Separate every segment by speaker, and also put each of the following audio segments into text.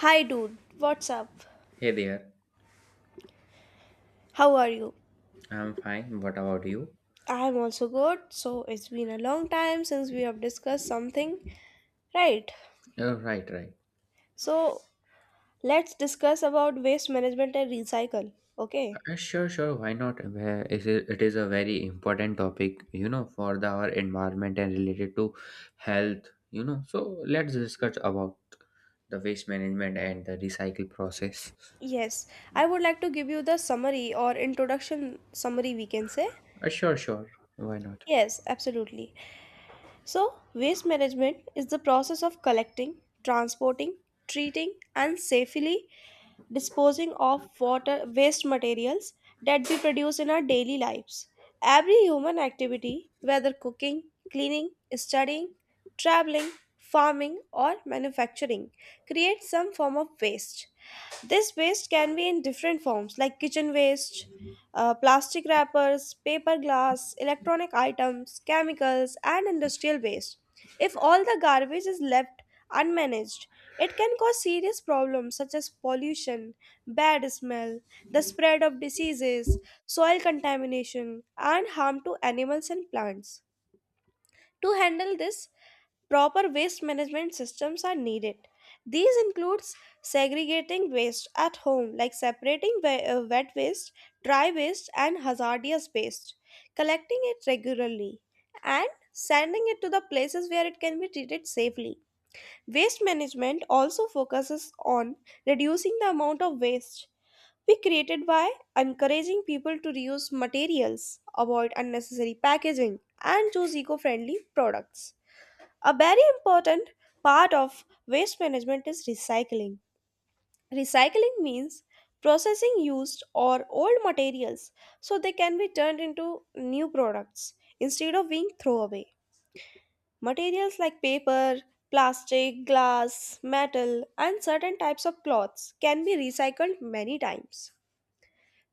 Speaker 1: Hi, dude. What's up?
Speaker 2: Hey there,
Speaker 1: How are you?
Speaker 2: I'm fine. What about you?
Speaker 1: I'm also good. So, it's been a long time since we have discussed something. Right.
Speaker 2: Oh, right, right.
Speaker 1: So, let's discuss about waste management and recycle. Okay.
Speaker 2: Sure, sure. Why not? It is a very important topic, you know, for the our environment and related to health, you know. So let's discuss about the waste management and the recycle process.
Speaker 1: Yes. I would like to give you the summary or introduction summary, we can say.
Speaker 2: Sure, sure. Why not?
Speaker 1: Yes, absolutely. So, waste management is the process of collecting, transporting, treating, and safely disposing of water waste materials that we produce in our daily lives. Every human activity, whether cooking, cleaning, studying, traveling, farming, or manufacturing, creates some form of waste. This waste can be in different forms like kitchen waste, plastic wrappers, paper glass, electronic items, chemicals, and industrial waste. If all the garbage is left unmanaged, it can cause serious problems such as pollution, bad smell, the spread of diseases, soil contamination, and harm to animals and plants. To handle this, proper waste management systems are needed. These includes segregating waste at home like separating wet waste, dry waste and hazardous waste, collecting it regularly and sending it to the places where it can be treated safely. Waste management also focuses on reducing the amount of waste we created by encouraging people to reuse materials, avoid unnecessary packaging and choose eco-friendly products. A very important part of waste management is recycling. Recycling means processing used or old materials so they can be turned into new products instead of being thrown away. Materials like paper, plastic, glass, metal, and certain types of cloths can be recycled many times.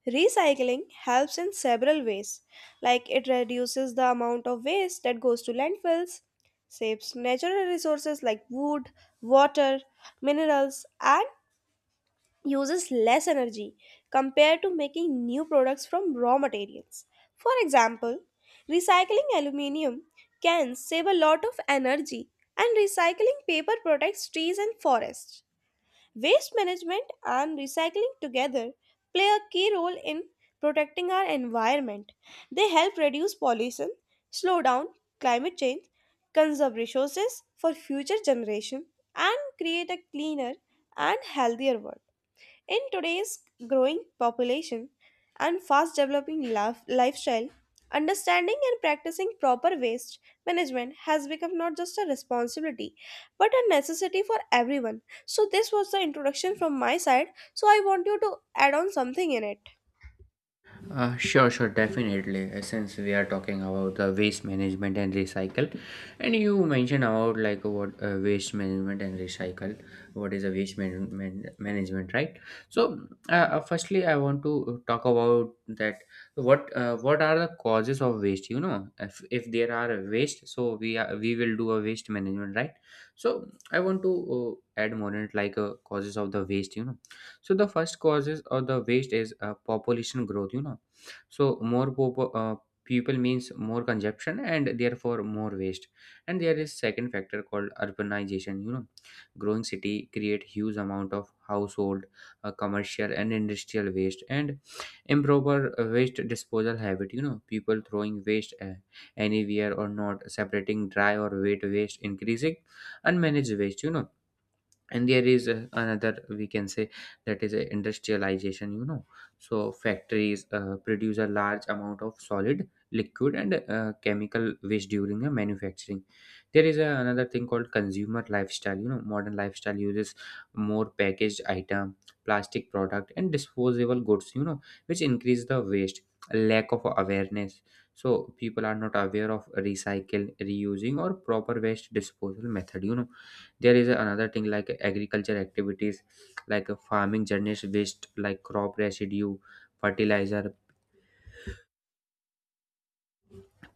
Speaker 1: Recycling helps in several ways, like it reduces the amount of waste that goes to landfills, saves natural resources like wood, water, minerals, and uses less energy compared to making new products from raw materials. For example, recycling aluminium can save a lot of energy, and recycling paper protects trees and forests. Waste management and recycling together play a key role in protecting our environment. They help reduce pollution, slow down climate change, conserve resources for future generations, and create a cleaner and healthier world. In today's growing population and fast developing lifestyle, understanding and practicing proper waste management has become not just a responsibility but a necessity for everyone. So, this was the introduction from my side. So, I want you to add on something in it.
Speaker 2: Sure, sure, definitely. Since we are talking about the waste management and recycle, and you mentioned about like what waste management and recycle, what is a waste man management, right? So, firstly, I want to talk about that. What are the causes of waste? You know, if there are a waste, so we will do a waste management, right? So, I want to add more in it, like causes of the waste. You know, so the first causes of the waste is population growth. You know, so more pop people means more consumption and therefore more waste, and there is second factor called urbanization, you know, growing city create huge amount of household, commercial and industrial waste, and improper waste disposal habit, you know, people throwing waste anywhere or not separating dry or wet waste, increasing unmanaged waste, you know. And there is another, we can say, that is industrialization, you know. So factories produce a large amount of solid liquid and chemical waste during the manufacturing. There is another thing called consumer lifestyle, you know, modern lifestyle uses more packaged item, plastic product and disposable goods, you know, which increase the waste. Lack of awareness, so people are not aware of recycle, reusing or proper waste disposal method, you know. There is another thing like agriculture activities, like a farming journeys waste like crop residue, fertilizer,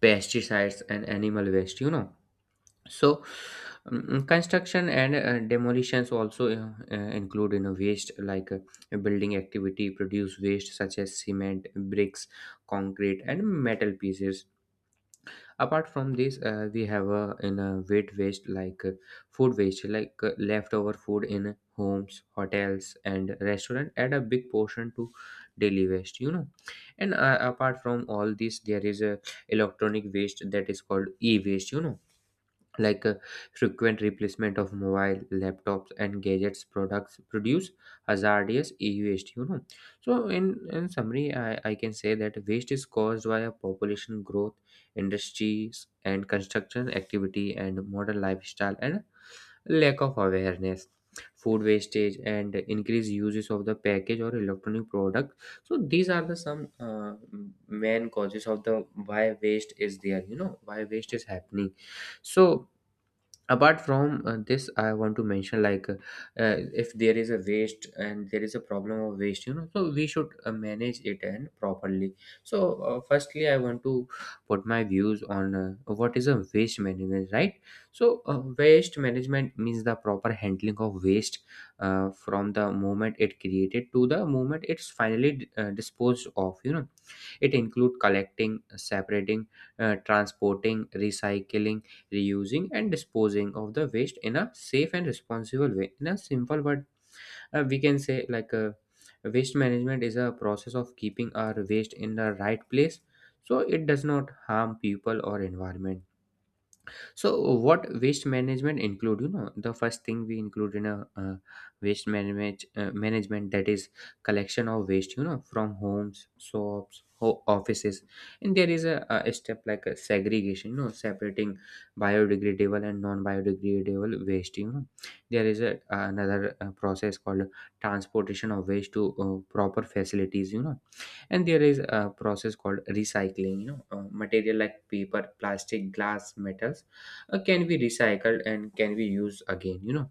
Speaker 2: pesticides and animal waste, you know. So construction and demolitions also include in a waste, like a building activity produce waste such as cement, bricks, concrete and metal pieces. Apart from this, we have, in a wet waste like food waste, like leftover food in homes, hotels and restaurant add a big portion to daily waste, you know. And apart from all this, there is a electronic waste that is called e-waste, you know, like frequent replacement of mobile, laptops and gadgets products produce hazardous e-waste, you know. So in summary, I can say that waste is caused by a population growth, industries and construction activity, and modern lifestyle, and lack of awareness, food wastage and increased uses of the package or electronic product. So these are the some main causes of the why waste is there, you know, why waste is happening. So apart from this, I want to mention like uh, if there is a waste and there is a problem of waste, you know, so we should manage it and properly. So firstly, I want to put my views on what is a waste management, right? So waste management means the proper handling of waste, from the moment it created to the moment it's finally disposed of, you know. It include collecting, separating, transporting, recycling, reusing and disposing of the waste in a safe and responsible way. In a simple word, we can say like waste management is a process of keeping our waste in the right place, so it does not harm people or environment. So what waste management include? You know, the first thing we include in a waste management management, that is collection of waste. You know, from homes, shops, offices, and there is a step like a segregation. You know, separating biodegradable and non-biodegradable waste. You know, there is a another process called transportation of waste to proper facilities. You know, and there is a process called recycling, you know, material like paper, plastic, glass, metals can be recycled and can be used again, you know.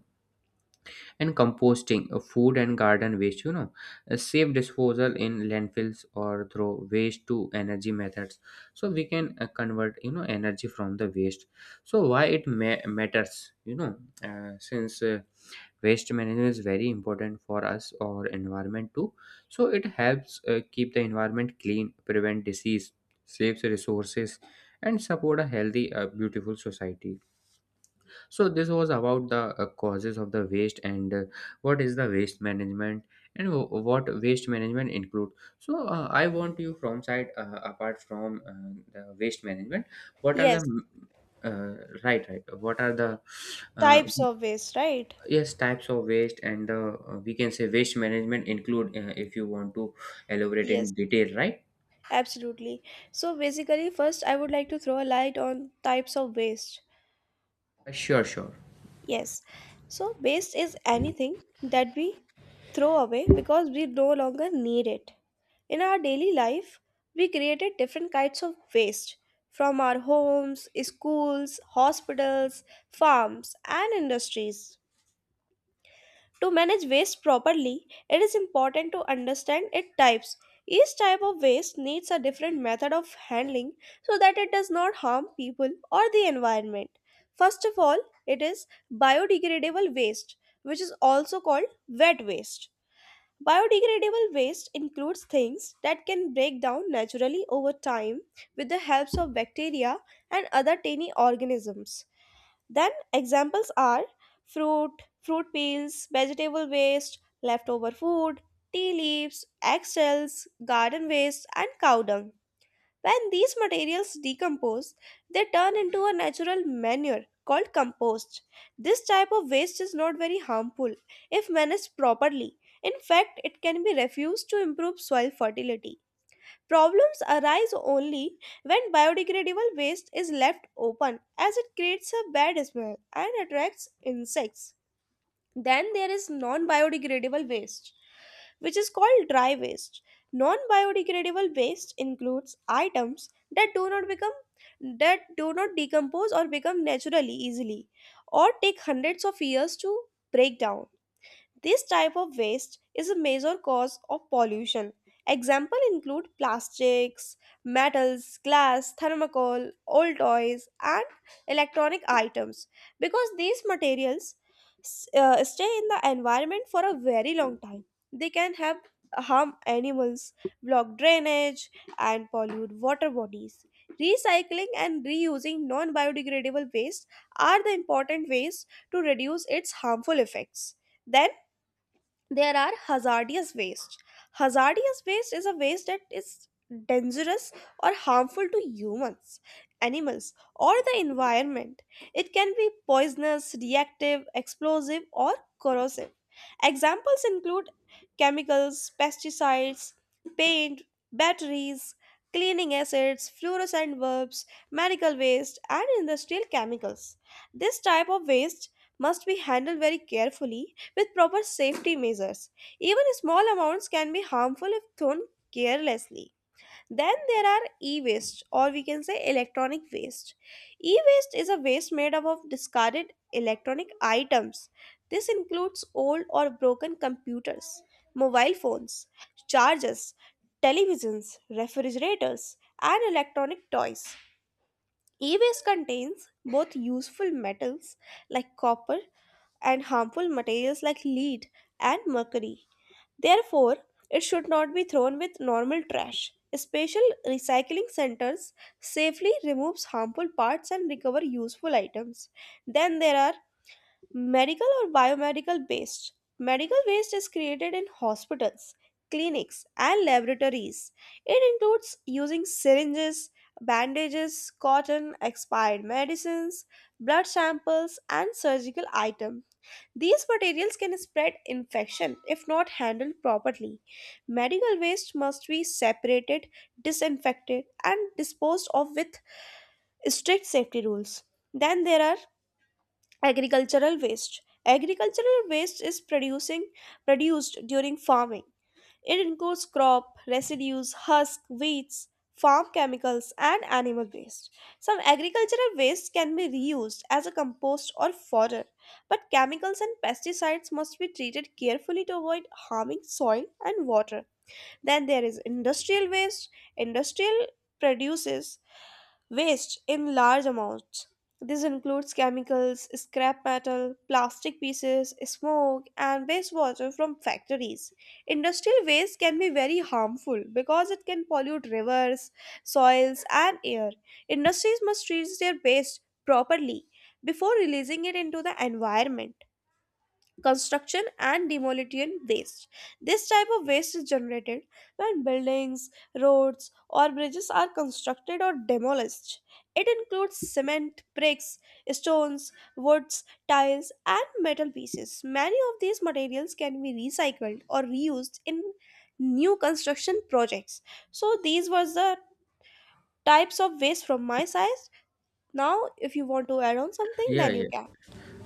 Speaker 2: And composting food and garden waste, you know, safe disposal in landfills or through waste to energy methods, so we can convert, you know, energy from the waste. So why it matters, you know? Since waste management is very important for us or environment too. So it helps keep the environment clean, prevent disease, saves resources, and support a healthy, beautiful society. So this was about the causes of the waste and what is the waste management, and what waste management include. So I want you from side, apart from the waste management, what are
Speaker 1: Yes,
Speaker 2: the uh, right, right? What are the uh,
Speaker 1: types of waste, right?
Speaker 2: yes, types of waste and we can say waste management include, if you want to elaborate
Speaker 1: Yes,
Speaker 2: in detail, right?
Speaker 1: absolutely. So, basically, first, I would like to throw a light on types of waste.
Speaker 2: Sure, sure.
Speaker 1: Yes. So, waste is anything that we throw away because we no longer need it. In our daily life, we created different kinds of waste from our homes, schools, hospitals, farms, and industries. To manage waste properly, it is important to understand its types. Each type of waste needs a different method of handling so that it does not harm people or the environment. First of all, it is biodegradable waste, which is also called wet waste. Biodegradable waste includes things that can break down naturally over time with the help of bacteria and other tiny organisms. Then examples are fruit, fruit peels, vegetable waste, leftover food, tea leaves, eggshells, garden waste, and cow dung. When these materials decompose, they turn into a natural manure called compost. This type of waste is not very harmful if managed properly. In fact, it can be refused to improve soil fertility. Problems arise only when biodegradable waste is left open as it creates a bad smell and attracts insects. Then there is non biodegradable waste, which is called dry waste. Non biodegradable waste includes items that do not become that do not decompose or become naturally easily or take hundreds of years to break down. This type of waste is a major cause of pollution. Example include plastics, metals, glass, thermocol, old toys, and electronic items because these materials stay in the environment for a very long time. They can have harm animals, block drainage, and pollute water bodies. Recycling and reusing non-biodegradable waste are the important ways to reduce its harmful effects. Then there are hazardous waste. Hazardous waste is a waste that is dangerous or harmful to humans, animals, or the environment. It can be poisonous, reactive, explosive, or corrosive. Examples include chemicals, pesticides, paint, batteries, cleaning acids, fluorescent bulbs, medical waste, and industrial chemicals. This type of waste must be handled very carefully with proper safety measures. Even small amounts can be harmful if thrown carelessly. Then there are e waste, or we can say electronic waste. E waste is a waste made up of discarded electronic items. This includes old or broken computers, mobile phones, chargers, televisions, refrigerators, and electronic toys. E-waste contains both useful metals like copper and harmful materials like lead and mercury. Therefore, it should not be thrown with normal trash. Special recycling centers safely removes harmful parts and recover useful items. Then there are medical or biomedical waste. Medical waste is created in hospitals, clinics, and laboratories. It includes using syringes, bandages, cotton, expired medicines, blood samples, and surgical items. These materials can spread infection if not handled properly. Medical waste must be separated, disinfected, and disposed of with strict safety rules. Then there are agricultural waste. Agricultural waste is producing produced during farming. It includes crop residues, husk, weeds, farm chemicals and animal waste. Some agricultural waste can be reused as a compost or fodder, but chemicals and pesticides must be treated carefully to avoid harming soil and water. Then there is industrial waste. Industrial produces waste in large amounts. This includes chemicals, scrap metal, plastic pieces, smoke, and wastewater from factories. Industrial waste can be very harmful because it can pollute rivers, soils, and air. Industries must treat their waste properly before releasing it into the environment. Construction and demolition waste. This type of waste is generated when buildings, roads, or bridges are constructed or demolished. It includes cement, bricks, stones, woods, tiles, and metal pieces. Many of these materials can be recycled or reused in new construction projects. So, these were the types of waste from my side. Now, if you want to add on something,
Speaker 2: Yeah,
Speaker 1: then you
Speaker 2: yeah.
Speaker 1: can.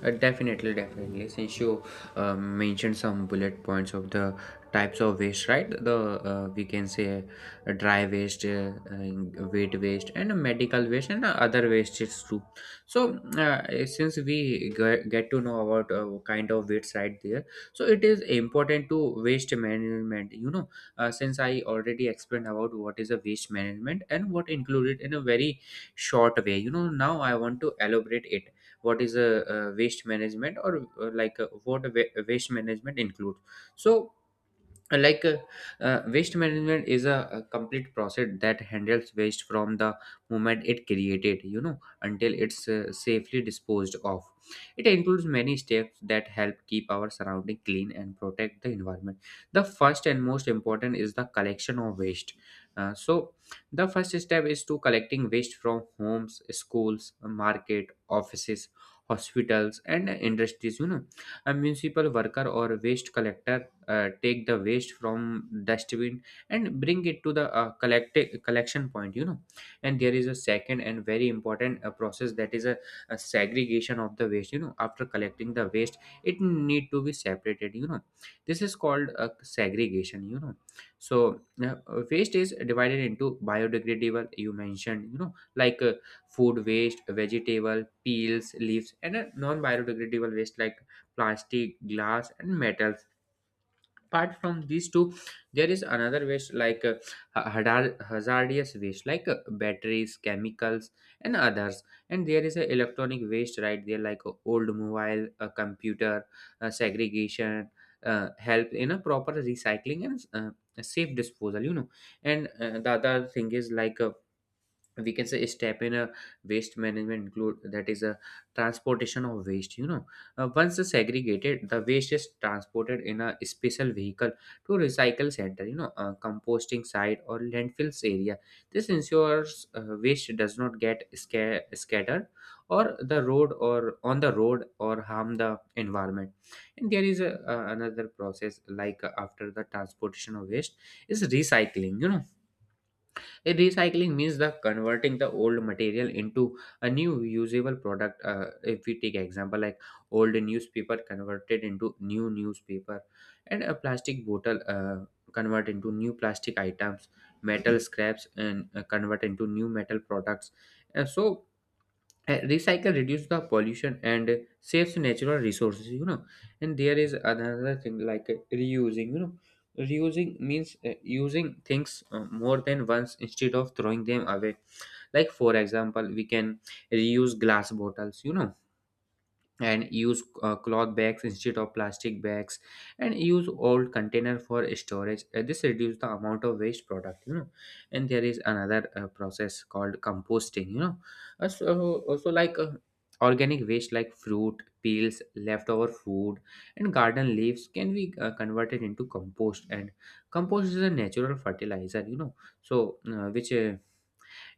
Speaker 2: Definitely, definitely. Since you mentioned some bullet points of the types of waste, right? The we can say dry waste, wheat waste, and medical waste, and other wastes too. So since we get to know about kind of waste right there, so it is important to waste management. You know, since I already explained about what is a waste management and what included in a very short way. You know, now I want to elaborate it what is a, waste management, or like what a waste management includes. So like waste management is a complete process that handles waste from the moment it created, you know, until it's safely disposed of. It includes many steps that help keep our surrounding clean and protect the environment. The first and most important is the collection of waste. So the first step is to collecting waste from homes, schools, market, offices, hospitals and industries, you know. A municipal worker or waste collector take the waste from dustbin and bring it to the collection point, you know. And there is a second and very important process, that is a segregation of the waste, you know. After collecting the waste, it need to be separated, you know. This is called a segregation, you know. So waste is divided into biodegradable, you mentioned, you know, like food waste, vegetable peels, leaves, and a non biodegradable waste like plastic, glass and metal. Apart from these two, there is another waste, like hazardous waste, like batteries, chemicals and others. And there is a electronic waste right there, like old mobile, a computer. Segregation help in a proper recycling and safe disposal, you know. And the other thing is, like we can say step in a waste management include, that is a transportation of waste, you know. Once it's segregated, the waste is transported in a special vehicle to recycle center, you know, composting site or landfills area. This ensures waste does not get scattered or the road or on the road or harm the environment. And there is a, another process like after the transportation of waste is recycling, you know. Recycling means the converting the old material into a new usable product. If we take example like old newspaper converted into new newspaper, and a plastic bottle convert into new plastic items, metal scraps and convert into new metal products. And so recycle reduce the pollution and saves natural resources. And there is another thing like reusing. Reusing means using things more than once instead of throwing them away, like for example we can reuse glass bottles, and use cloth bags instead of plastic bags, and use old container for storage. This reduce the amount of waste product. And there is another process called composting. So also like organic waste like fruit peels, leftover food and garden leaves can be converted into compost, and compost is a natural fertilizer, so which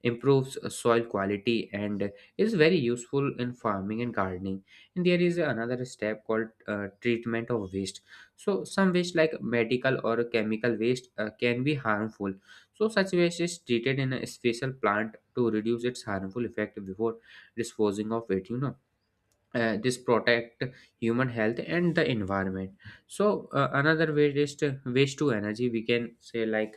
Speaker 2: improves soil quality and is very useful in farming and gardening. And there is another step called treatment of waste. So some waste like medical or chemical waste can be harmful, so such waste is treated in a special plant to reduce its harmful effect before disposing of it. This protect human health and the environment. So another way is to waste to energy, we can say, like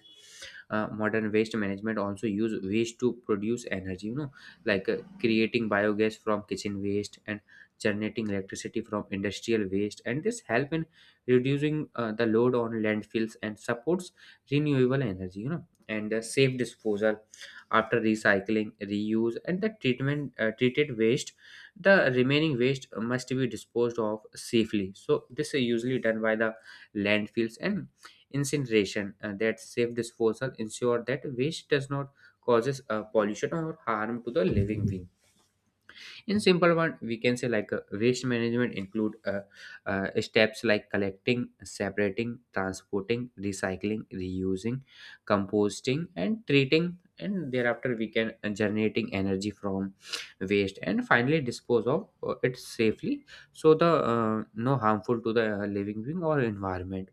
Speaker 2: modern waste management also use waste to produce energy, like creating biogas from kitchen waste and generating electricity from industrial waste, and this help in reducing the load on landfills and supports renewable energy, and safe disposal. After recycling, reuse and the treatment, treated waste, the remaining waste must be disposed of safely. So this is usually done by the landfills and incineration. That safe disposal ensure that waste does not causes pollution or harm to the living being. In simple one we can say, like waste management include steps like collecting, separating, transporting, recycling, reusing, composting and treating, and thereafter we can generating energy from waste and finally dispose of it safely, so the no harmful to the living being or environment.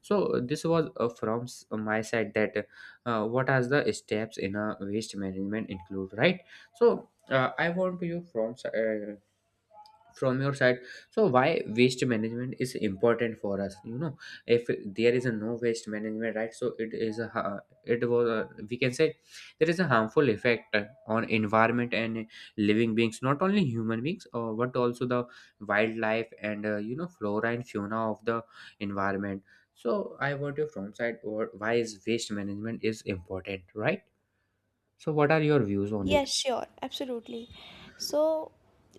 Speaker 2: So this was my side, that what are the steps in a waste management include, right? So I want to you from from your side, so why waste management is important for us. If there is a no waste management, right? So it is a it was a, we can say, there is a harmful effect on environment and living beings, not only human beings, but also the wildlife and flora and fauna of the environment. So I want your from side, or why is waste management is important, right? So what are your views on it?
Speaker 1: Yes, sure, absolutely. So,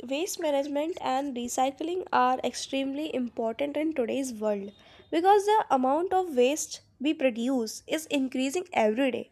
Speaker 1: waste management and recycling are extremely important in today's world because the amount of waste we produce is increasing every day.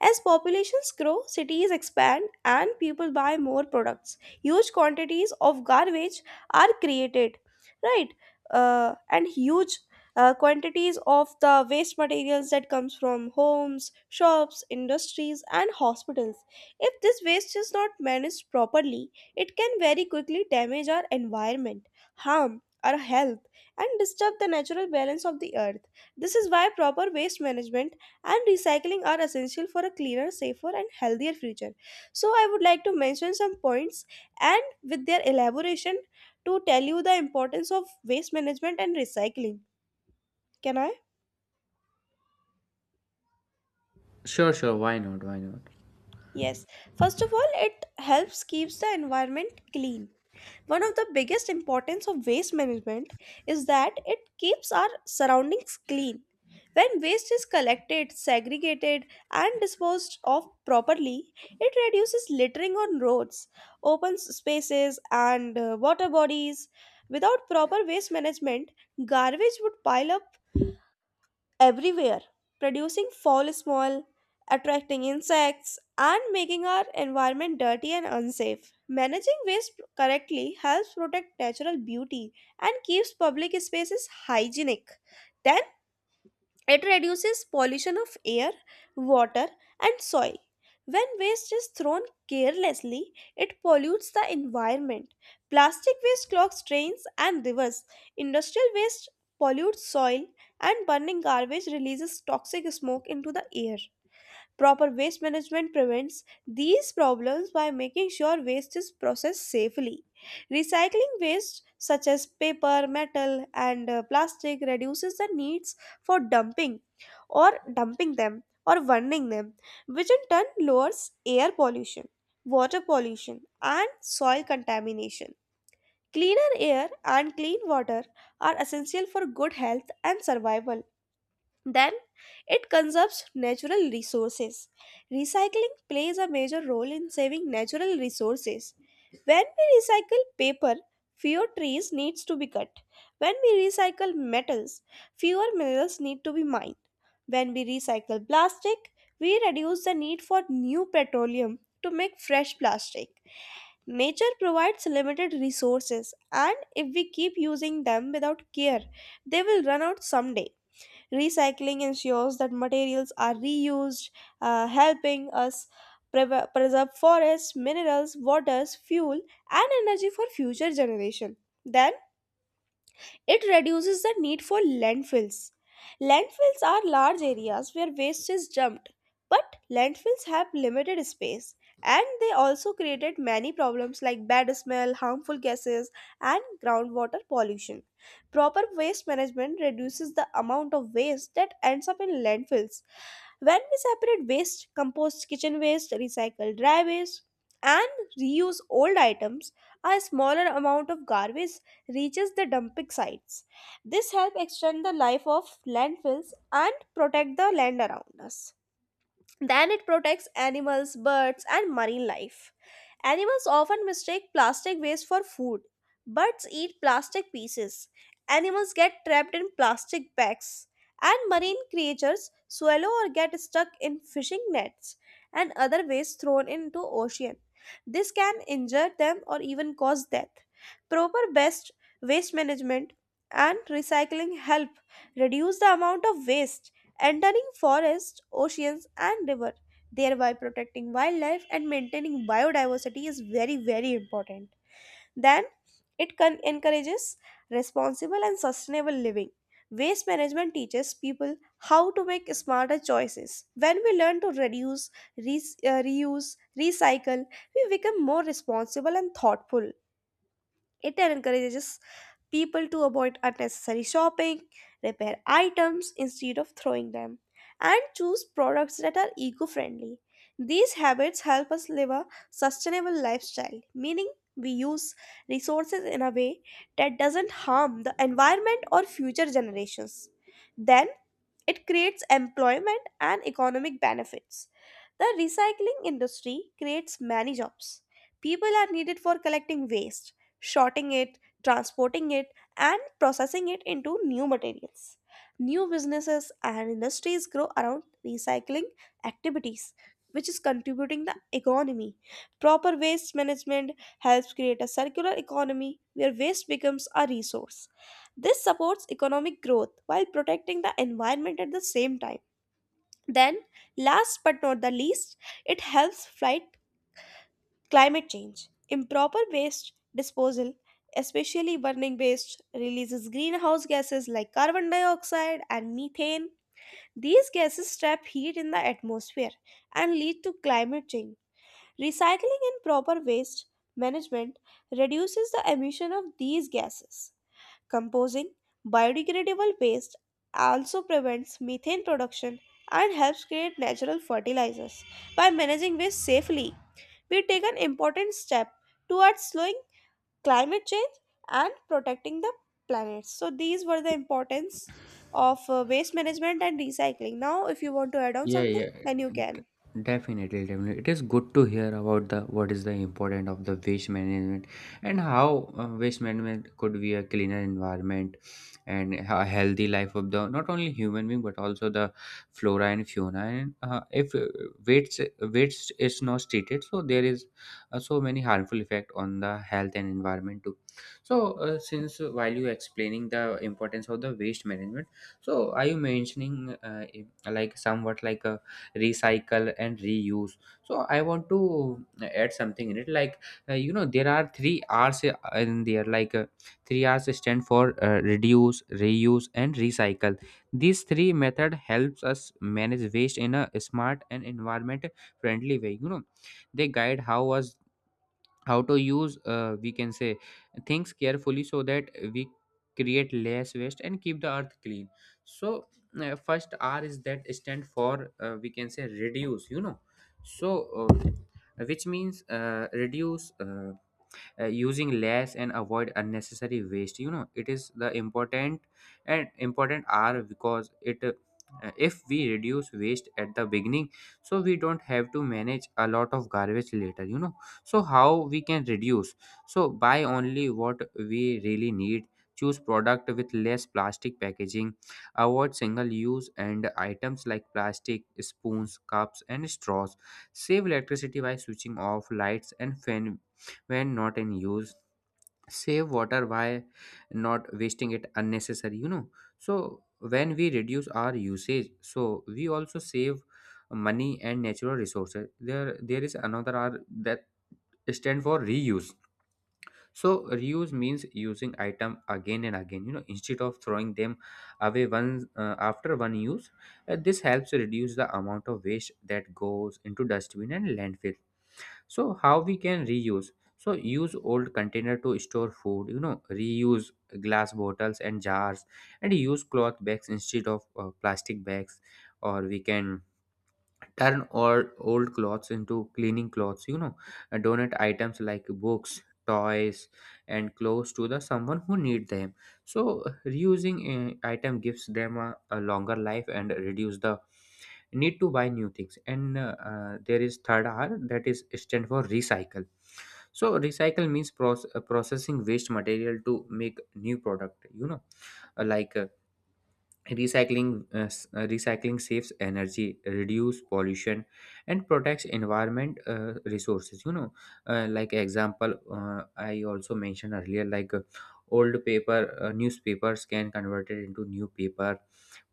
Speaker 1: As populations grow, cities expand, and people buy more products, huge quantities of garbage are created, right? And huge quantities of the waste materials that comes from homes, shops, industries, and hospitals. If this waste is not managed properly, it can very quickly damage our environment, harm our health, and disturb the natural balance of the earth. This is why proper waste management and recycling are essential for a cleaner, safer, and healthier future. So, I would like to mention some points and with their elaboration to tell you the importance of waste management and recycling. Can I?
Speaker 2: Sure, sure, why not, why not.
Speaker 1: Yes. First of all, it helps keeps the environment clean. One of the biggest importance of waste management is that it keeps our surroundings clean. When waste is collected, segregated, and disposed of properly, it reduces littering on roads, open spaces, and water bodies. Without proper waste management, garbage would pile up everywhere, producing foul smell, attracting insects, and making our environment dirty and unsafe. Managing waste correctly helps protect natural beauty and keeps public spaces hygienic. Then it reduces pollution of air, water, and soil. When waste is thrown carelessly, it pollutes the environment. Plastic waste clogs drains and rivers. Industrial waste pollutes soil, and burning garbage releases toxic smoke into the air. Proper waste management prevents these problems by making sure waste is processed safely. Recycling waste such as paper, metal, and plastic reduces the needs for dumping them or burning them, which in turn lowers air pollution, water pollution, and soil contamination. Cleaner air and clean water are essential for good health and survival. Then it conserves natural resources. Recycling plays a major role in saving natural resources. When we recycle paper, fewer trees needs to be cut. When we recycle metals, fewer minerals need to be mined. When we recycle plastic, we reduce the need for new petroleum to make fresh plastic. Nature provides limited resources, and if we keep using them without care, they will run out someday. Recycling ensures that materials are reused, helping us preserve forests, minerals, waters, fuel, and energy for future generation. Then it reduces the need for landfills. Landfills are large areas where waste is dumped, but landfills have limited space and they also created many problems like bad smell, harmful gases, and groundwater pollution. Proper waste management reduces the amount of waste that ends up in landfills. When we separate waste, compost kitchen waste, recycle dry waste, and reuse old items, a smaller amount of garbage reaches the dumping sites. This helps extend the life of landfills and protect the land around us. Then it protects animals, birds, and marine life. Animals often mistake plastic waste for food. Birds eat plastic pieces. Animals get trapped in plastic bags. And marine creatures swallow or get stuck in fishing nets and other waste thrown into ocean. This can injure them or even cause death. Proper best waste management and recycling help reduce the amount of waste entering forests, oceans, and river, thereby protecting wildlife and maintaining biodiversity is very very important. Then it can encourages responsible and sustainable living. Waste management teaches people how to make smarter choices. When we learn to reduce, reuse, recycle, we become more responsible and thoughtful. It encourages people to avoid unnecessary shopping, repair items instead of throwing them, and choose products that are eco friendly. These habits help us live a sustainable lifestyle, meaning we use resources in a way that doesn't harm the environment or future generations. Then it creates employment and economic benefits. The recycling industry creates many jobs. People are needed for collecting waste, sorting it, transporting it, and processing it into new materials. New businesses and industries grow around recycling activities, which is contributing the economy. Proper waste management helps create a circular economy where waste becomes a resource. This supports economic growth while protecting the environment at the same time. Then, last but not the least, it helps fight climate change. Improper waste disposal, especially burning waste, releases greenhouse gases like carbon dioxide and methane. These gases trap heat in the atmosphere and lead to climate change. Recycling and proper waste management reduces the emission of these gases. Composing biodegradable waste also prevents methane production and helps create natural fertilizers by managing waste safely. We take an important step towards slowing climate change and protecting the planet. So these were the importance of waste management and recycling. Now, if you want to add on
Speaker 2: Yeah,
Speaker 1: something,
Speaker 2: yeah,
Speaker 1: then you can.
Speaker 2: d- definitely, definitely. It is good to hear about the what is the importance of the waste management, and how waste management could be a cleaner environment and a healthy life of the not only human being but also the flora and fauna. And if waste is not treated, so there is so many harmful effect on the health and environment too. So since while you explaining the importance of the waste management, so are you mentioning like somewhat like a recycle and reuse. So I want to add something in it, like you know there are three r's in there, like three r's stand for reduce, reuse and recycle. These three method helps us manage waste in a smart and environment friendly way. They guide how us how to use, we can say, things carefully, so that we create less waste and keep the earth clean. So first r is that stand for we can say reduce. So which means reduce using less and avoid unnecessary waste. It is the important, and important are because it if we reduce waste at the beginning, so we don't have to manage a lot of garbage later. So how we can reduce? So buy only what we really need, choose product with less plastic packaging, avoid single use and items like plastic spoons, cups and straws, save electricity by switching off lights and fan when not in use, save water by not wasting it unnecessary. So when we reduce our usage, so we also save money and natural resources. There is another r that stand for reuse. So reuse means using item again and again, instead of throwing them away once after one use. This helps reduce the amount of waste that goes into dustbin and landfill. So how we can reuse? So use old container to store food, reuse glass bottles and jars, and use cloth bags instead of plastic bags, or we can turn or old clothes into cleaning clothes, and donate items like books, toys, and clothes to the someone who need them. So reusing an item gives them a longer life and reduce the need to buy new things. And there is third r that is stand for recycle. So recycle means processing waste material to make new product. Like recycling recycling saves energy, reduce pollution and protects environment resources. Like example, I also mentioned earlier, like old paper, newspapers can convert it into new paper,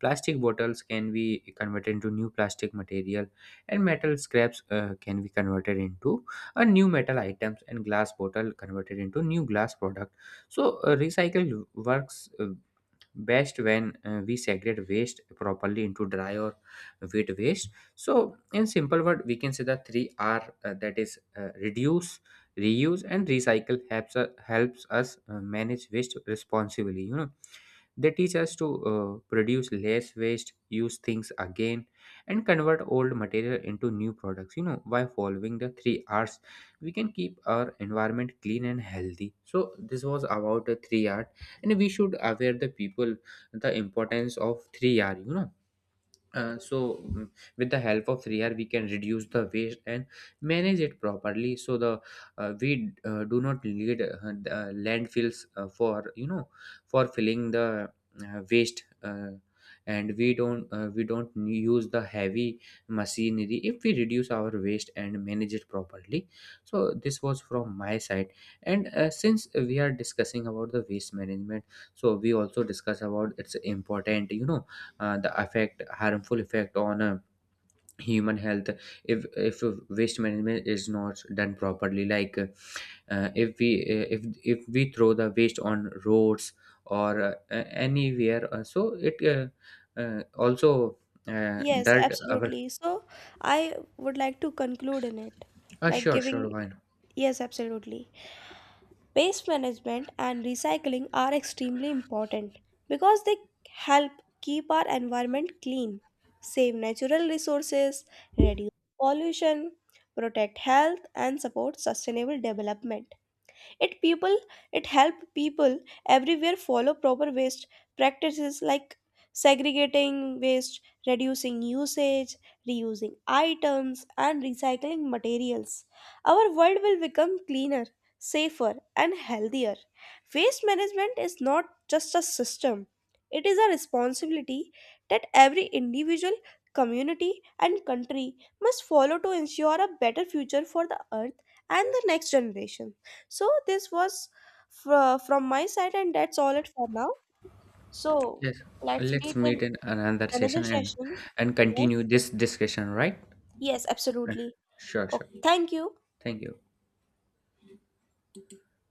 Speaker 2: plastic bottles can be converted into new plastic material, and metal scraps can be converted into a new metal items, and glass bottle converted into new glass product. So recycle works best when we segregate waste properly into dry or wet waste. So in simple word we can say the three r, that is reduce, reuse and recycle helps, helps us manage waste responsibly. They teach us to produce less waste, use things again, and convert old material into new products. You know, by following the three R's, we can keep our environment clean and healthy. So this was about the three R, and we should aware the people the importance of three R. So mm, with the help of 3R we can reduce the waste and manage it properly, so the we do not need the landfills for you know for filling the waste, and we don't, we don't use the heavy machinery if we reduce our waste and manage it properly. So this was from my side. And since we are discussing about the waste management, so we also discuss about its important, the effect, harmful effect on human health if waste management is not done properly, like uh, if we uh, if if we throw the waste on roads or anywhere, so it also uh,
Speaker 1: Yes,
Speaker 2: dirt our
Speaker 1: absolutely. So I would like to conclude in it, like
Speaker 2: sure, sure,
Speaker 1: giving.
Speaker 2: why not.
Speaker 1: Yes, absolutely. Waste management and recycling are extremely important because they help keep our environment clean, save natural resources, reduce pollution, protect health, and support sustainable development. It people it help people everywhere follow proper waste practices like segregating waste, reducing usage, reusing items and recycling materials. Our world will become cleaner, safer and healthier. Waste management is not just a system. It is a responsibility that every individual, community and country must follow to ensure a better future for the earth and the next generation. So this was from my side, and that's all it for now. So
Speaker 2: Yes,
Speaker 1: let's
Speaker 2: let's
Speaker 1: meet
Speaker 2: meet
Speaker 1: in
Speaker 2: in another
Speaker 1: another
Speaker 2: session, and
Speaker 1: session.
Speaker 2: and
Speaker 1: Yes.
Speaker 2: continue this discussion, right?
Speaker 1: Yes,
Speaker 2: Uh,
Speaker 1: absolutely.
Speaker 2: sure, sure,
Speaker 1: Okay. Thank you.
Speaker 2: thank you.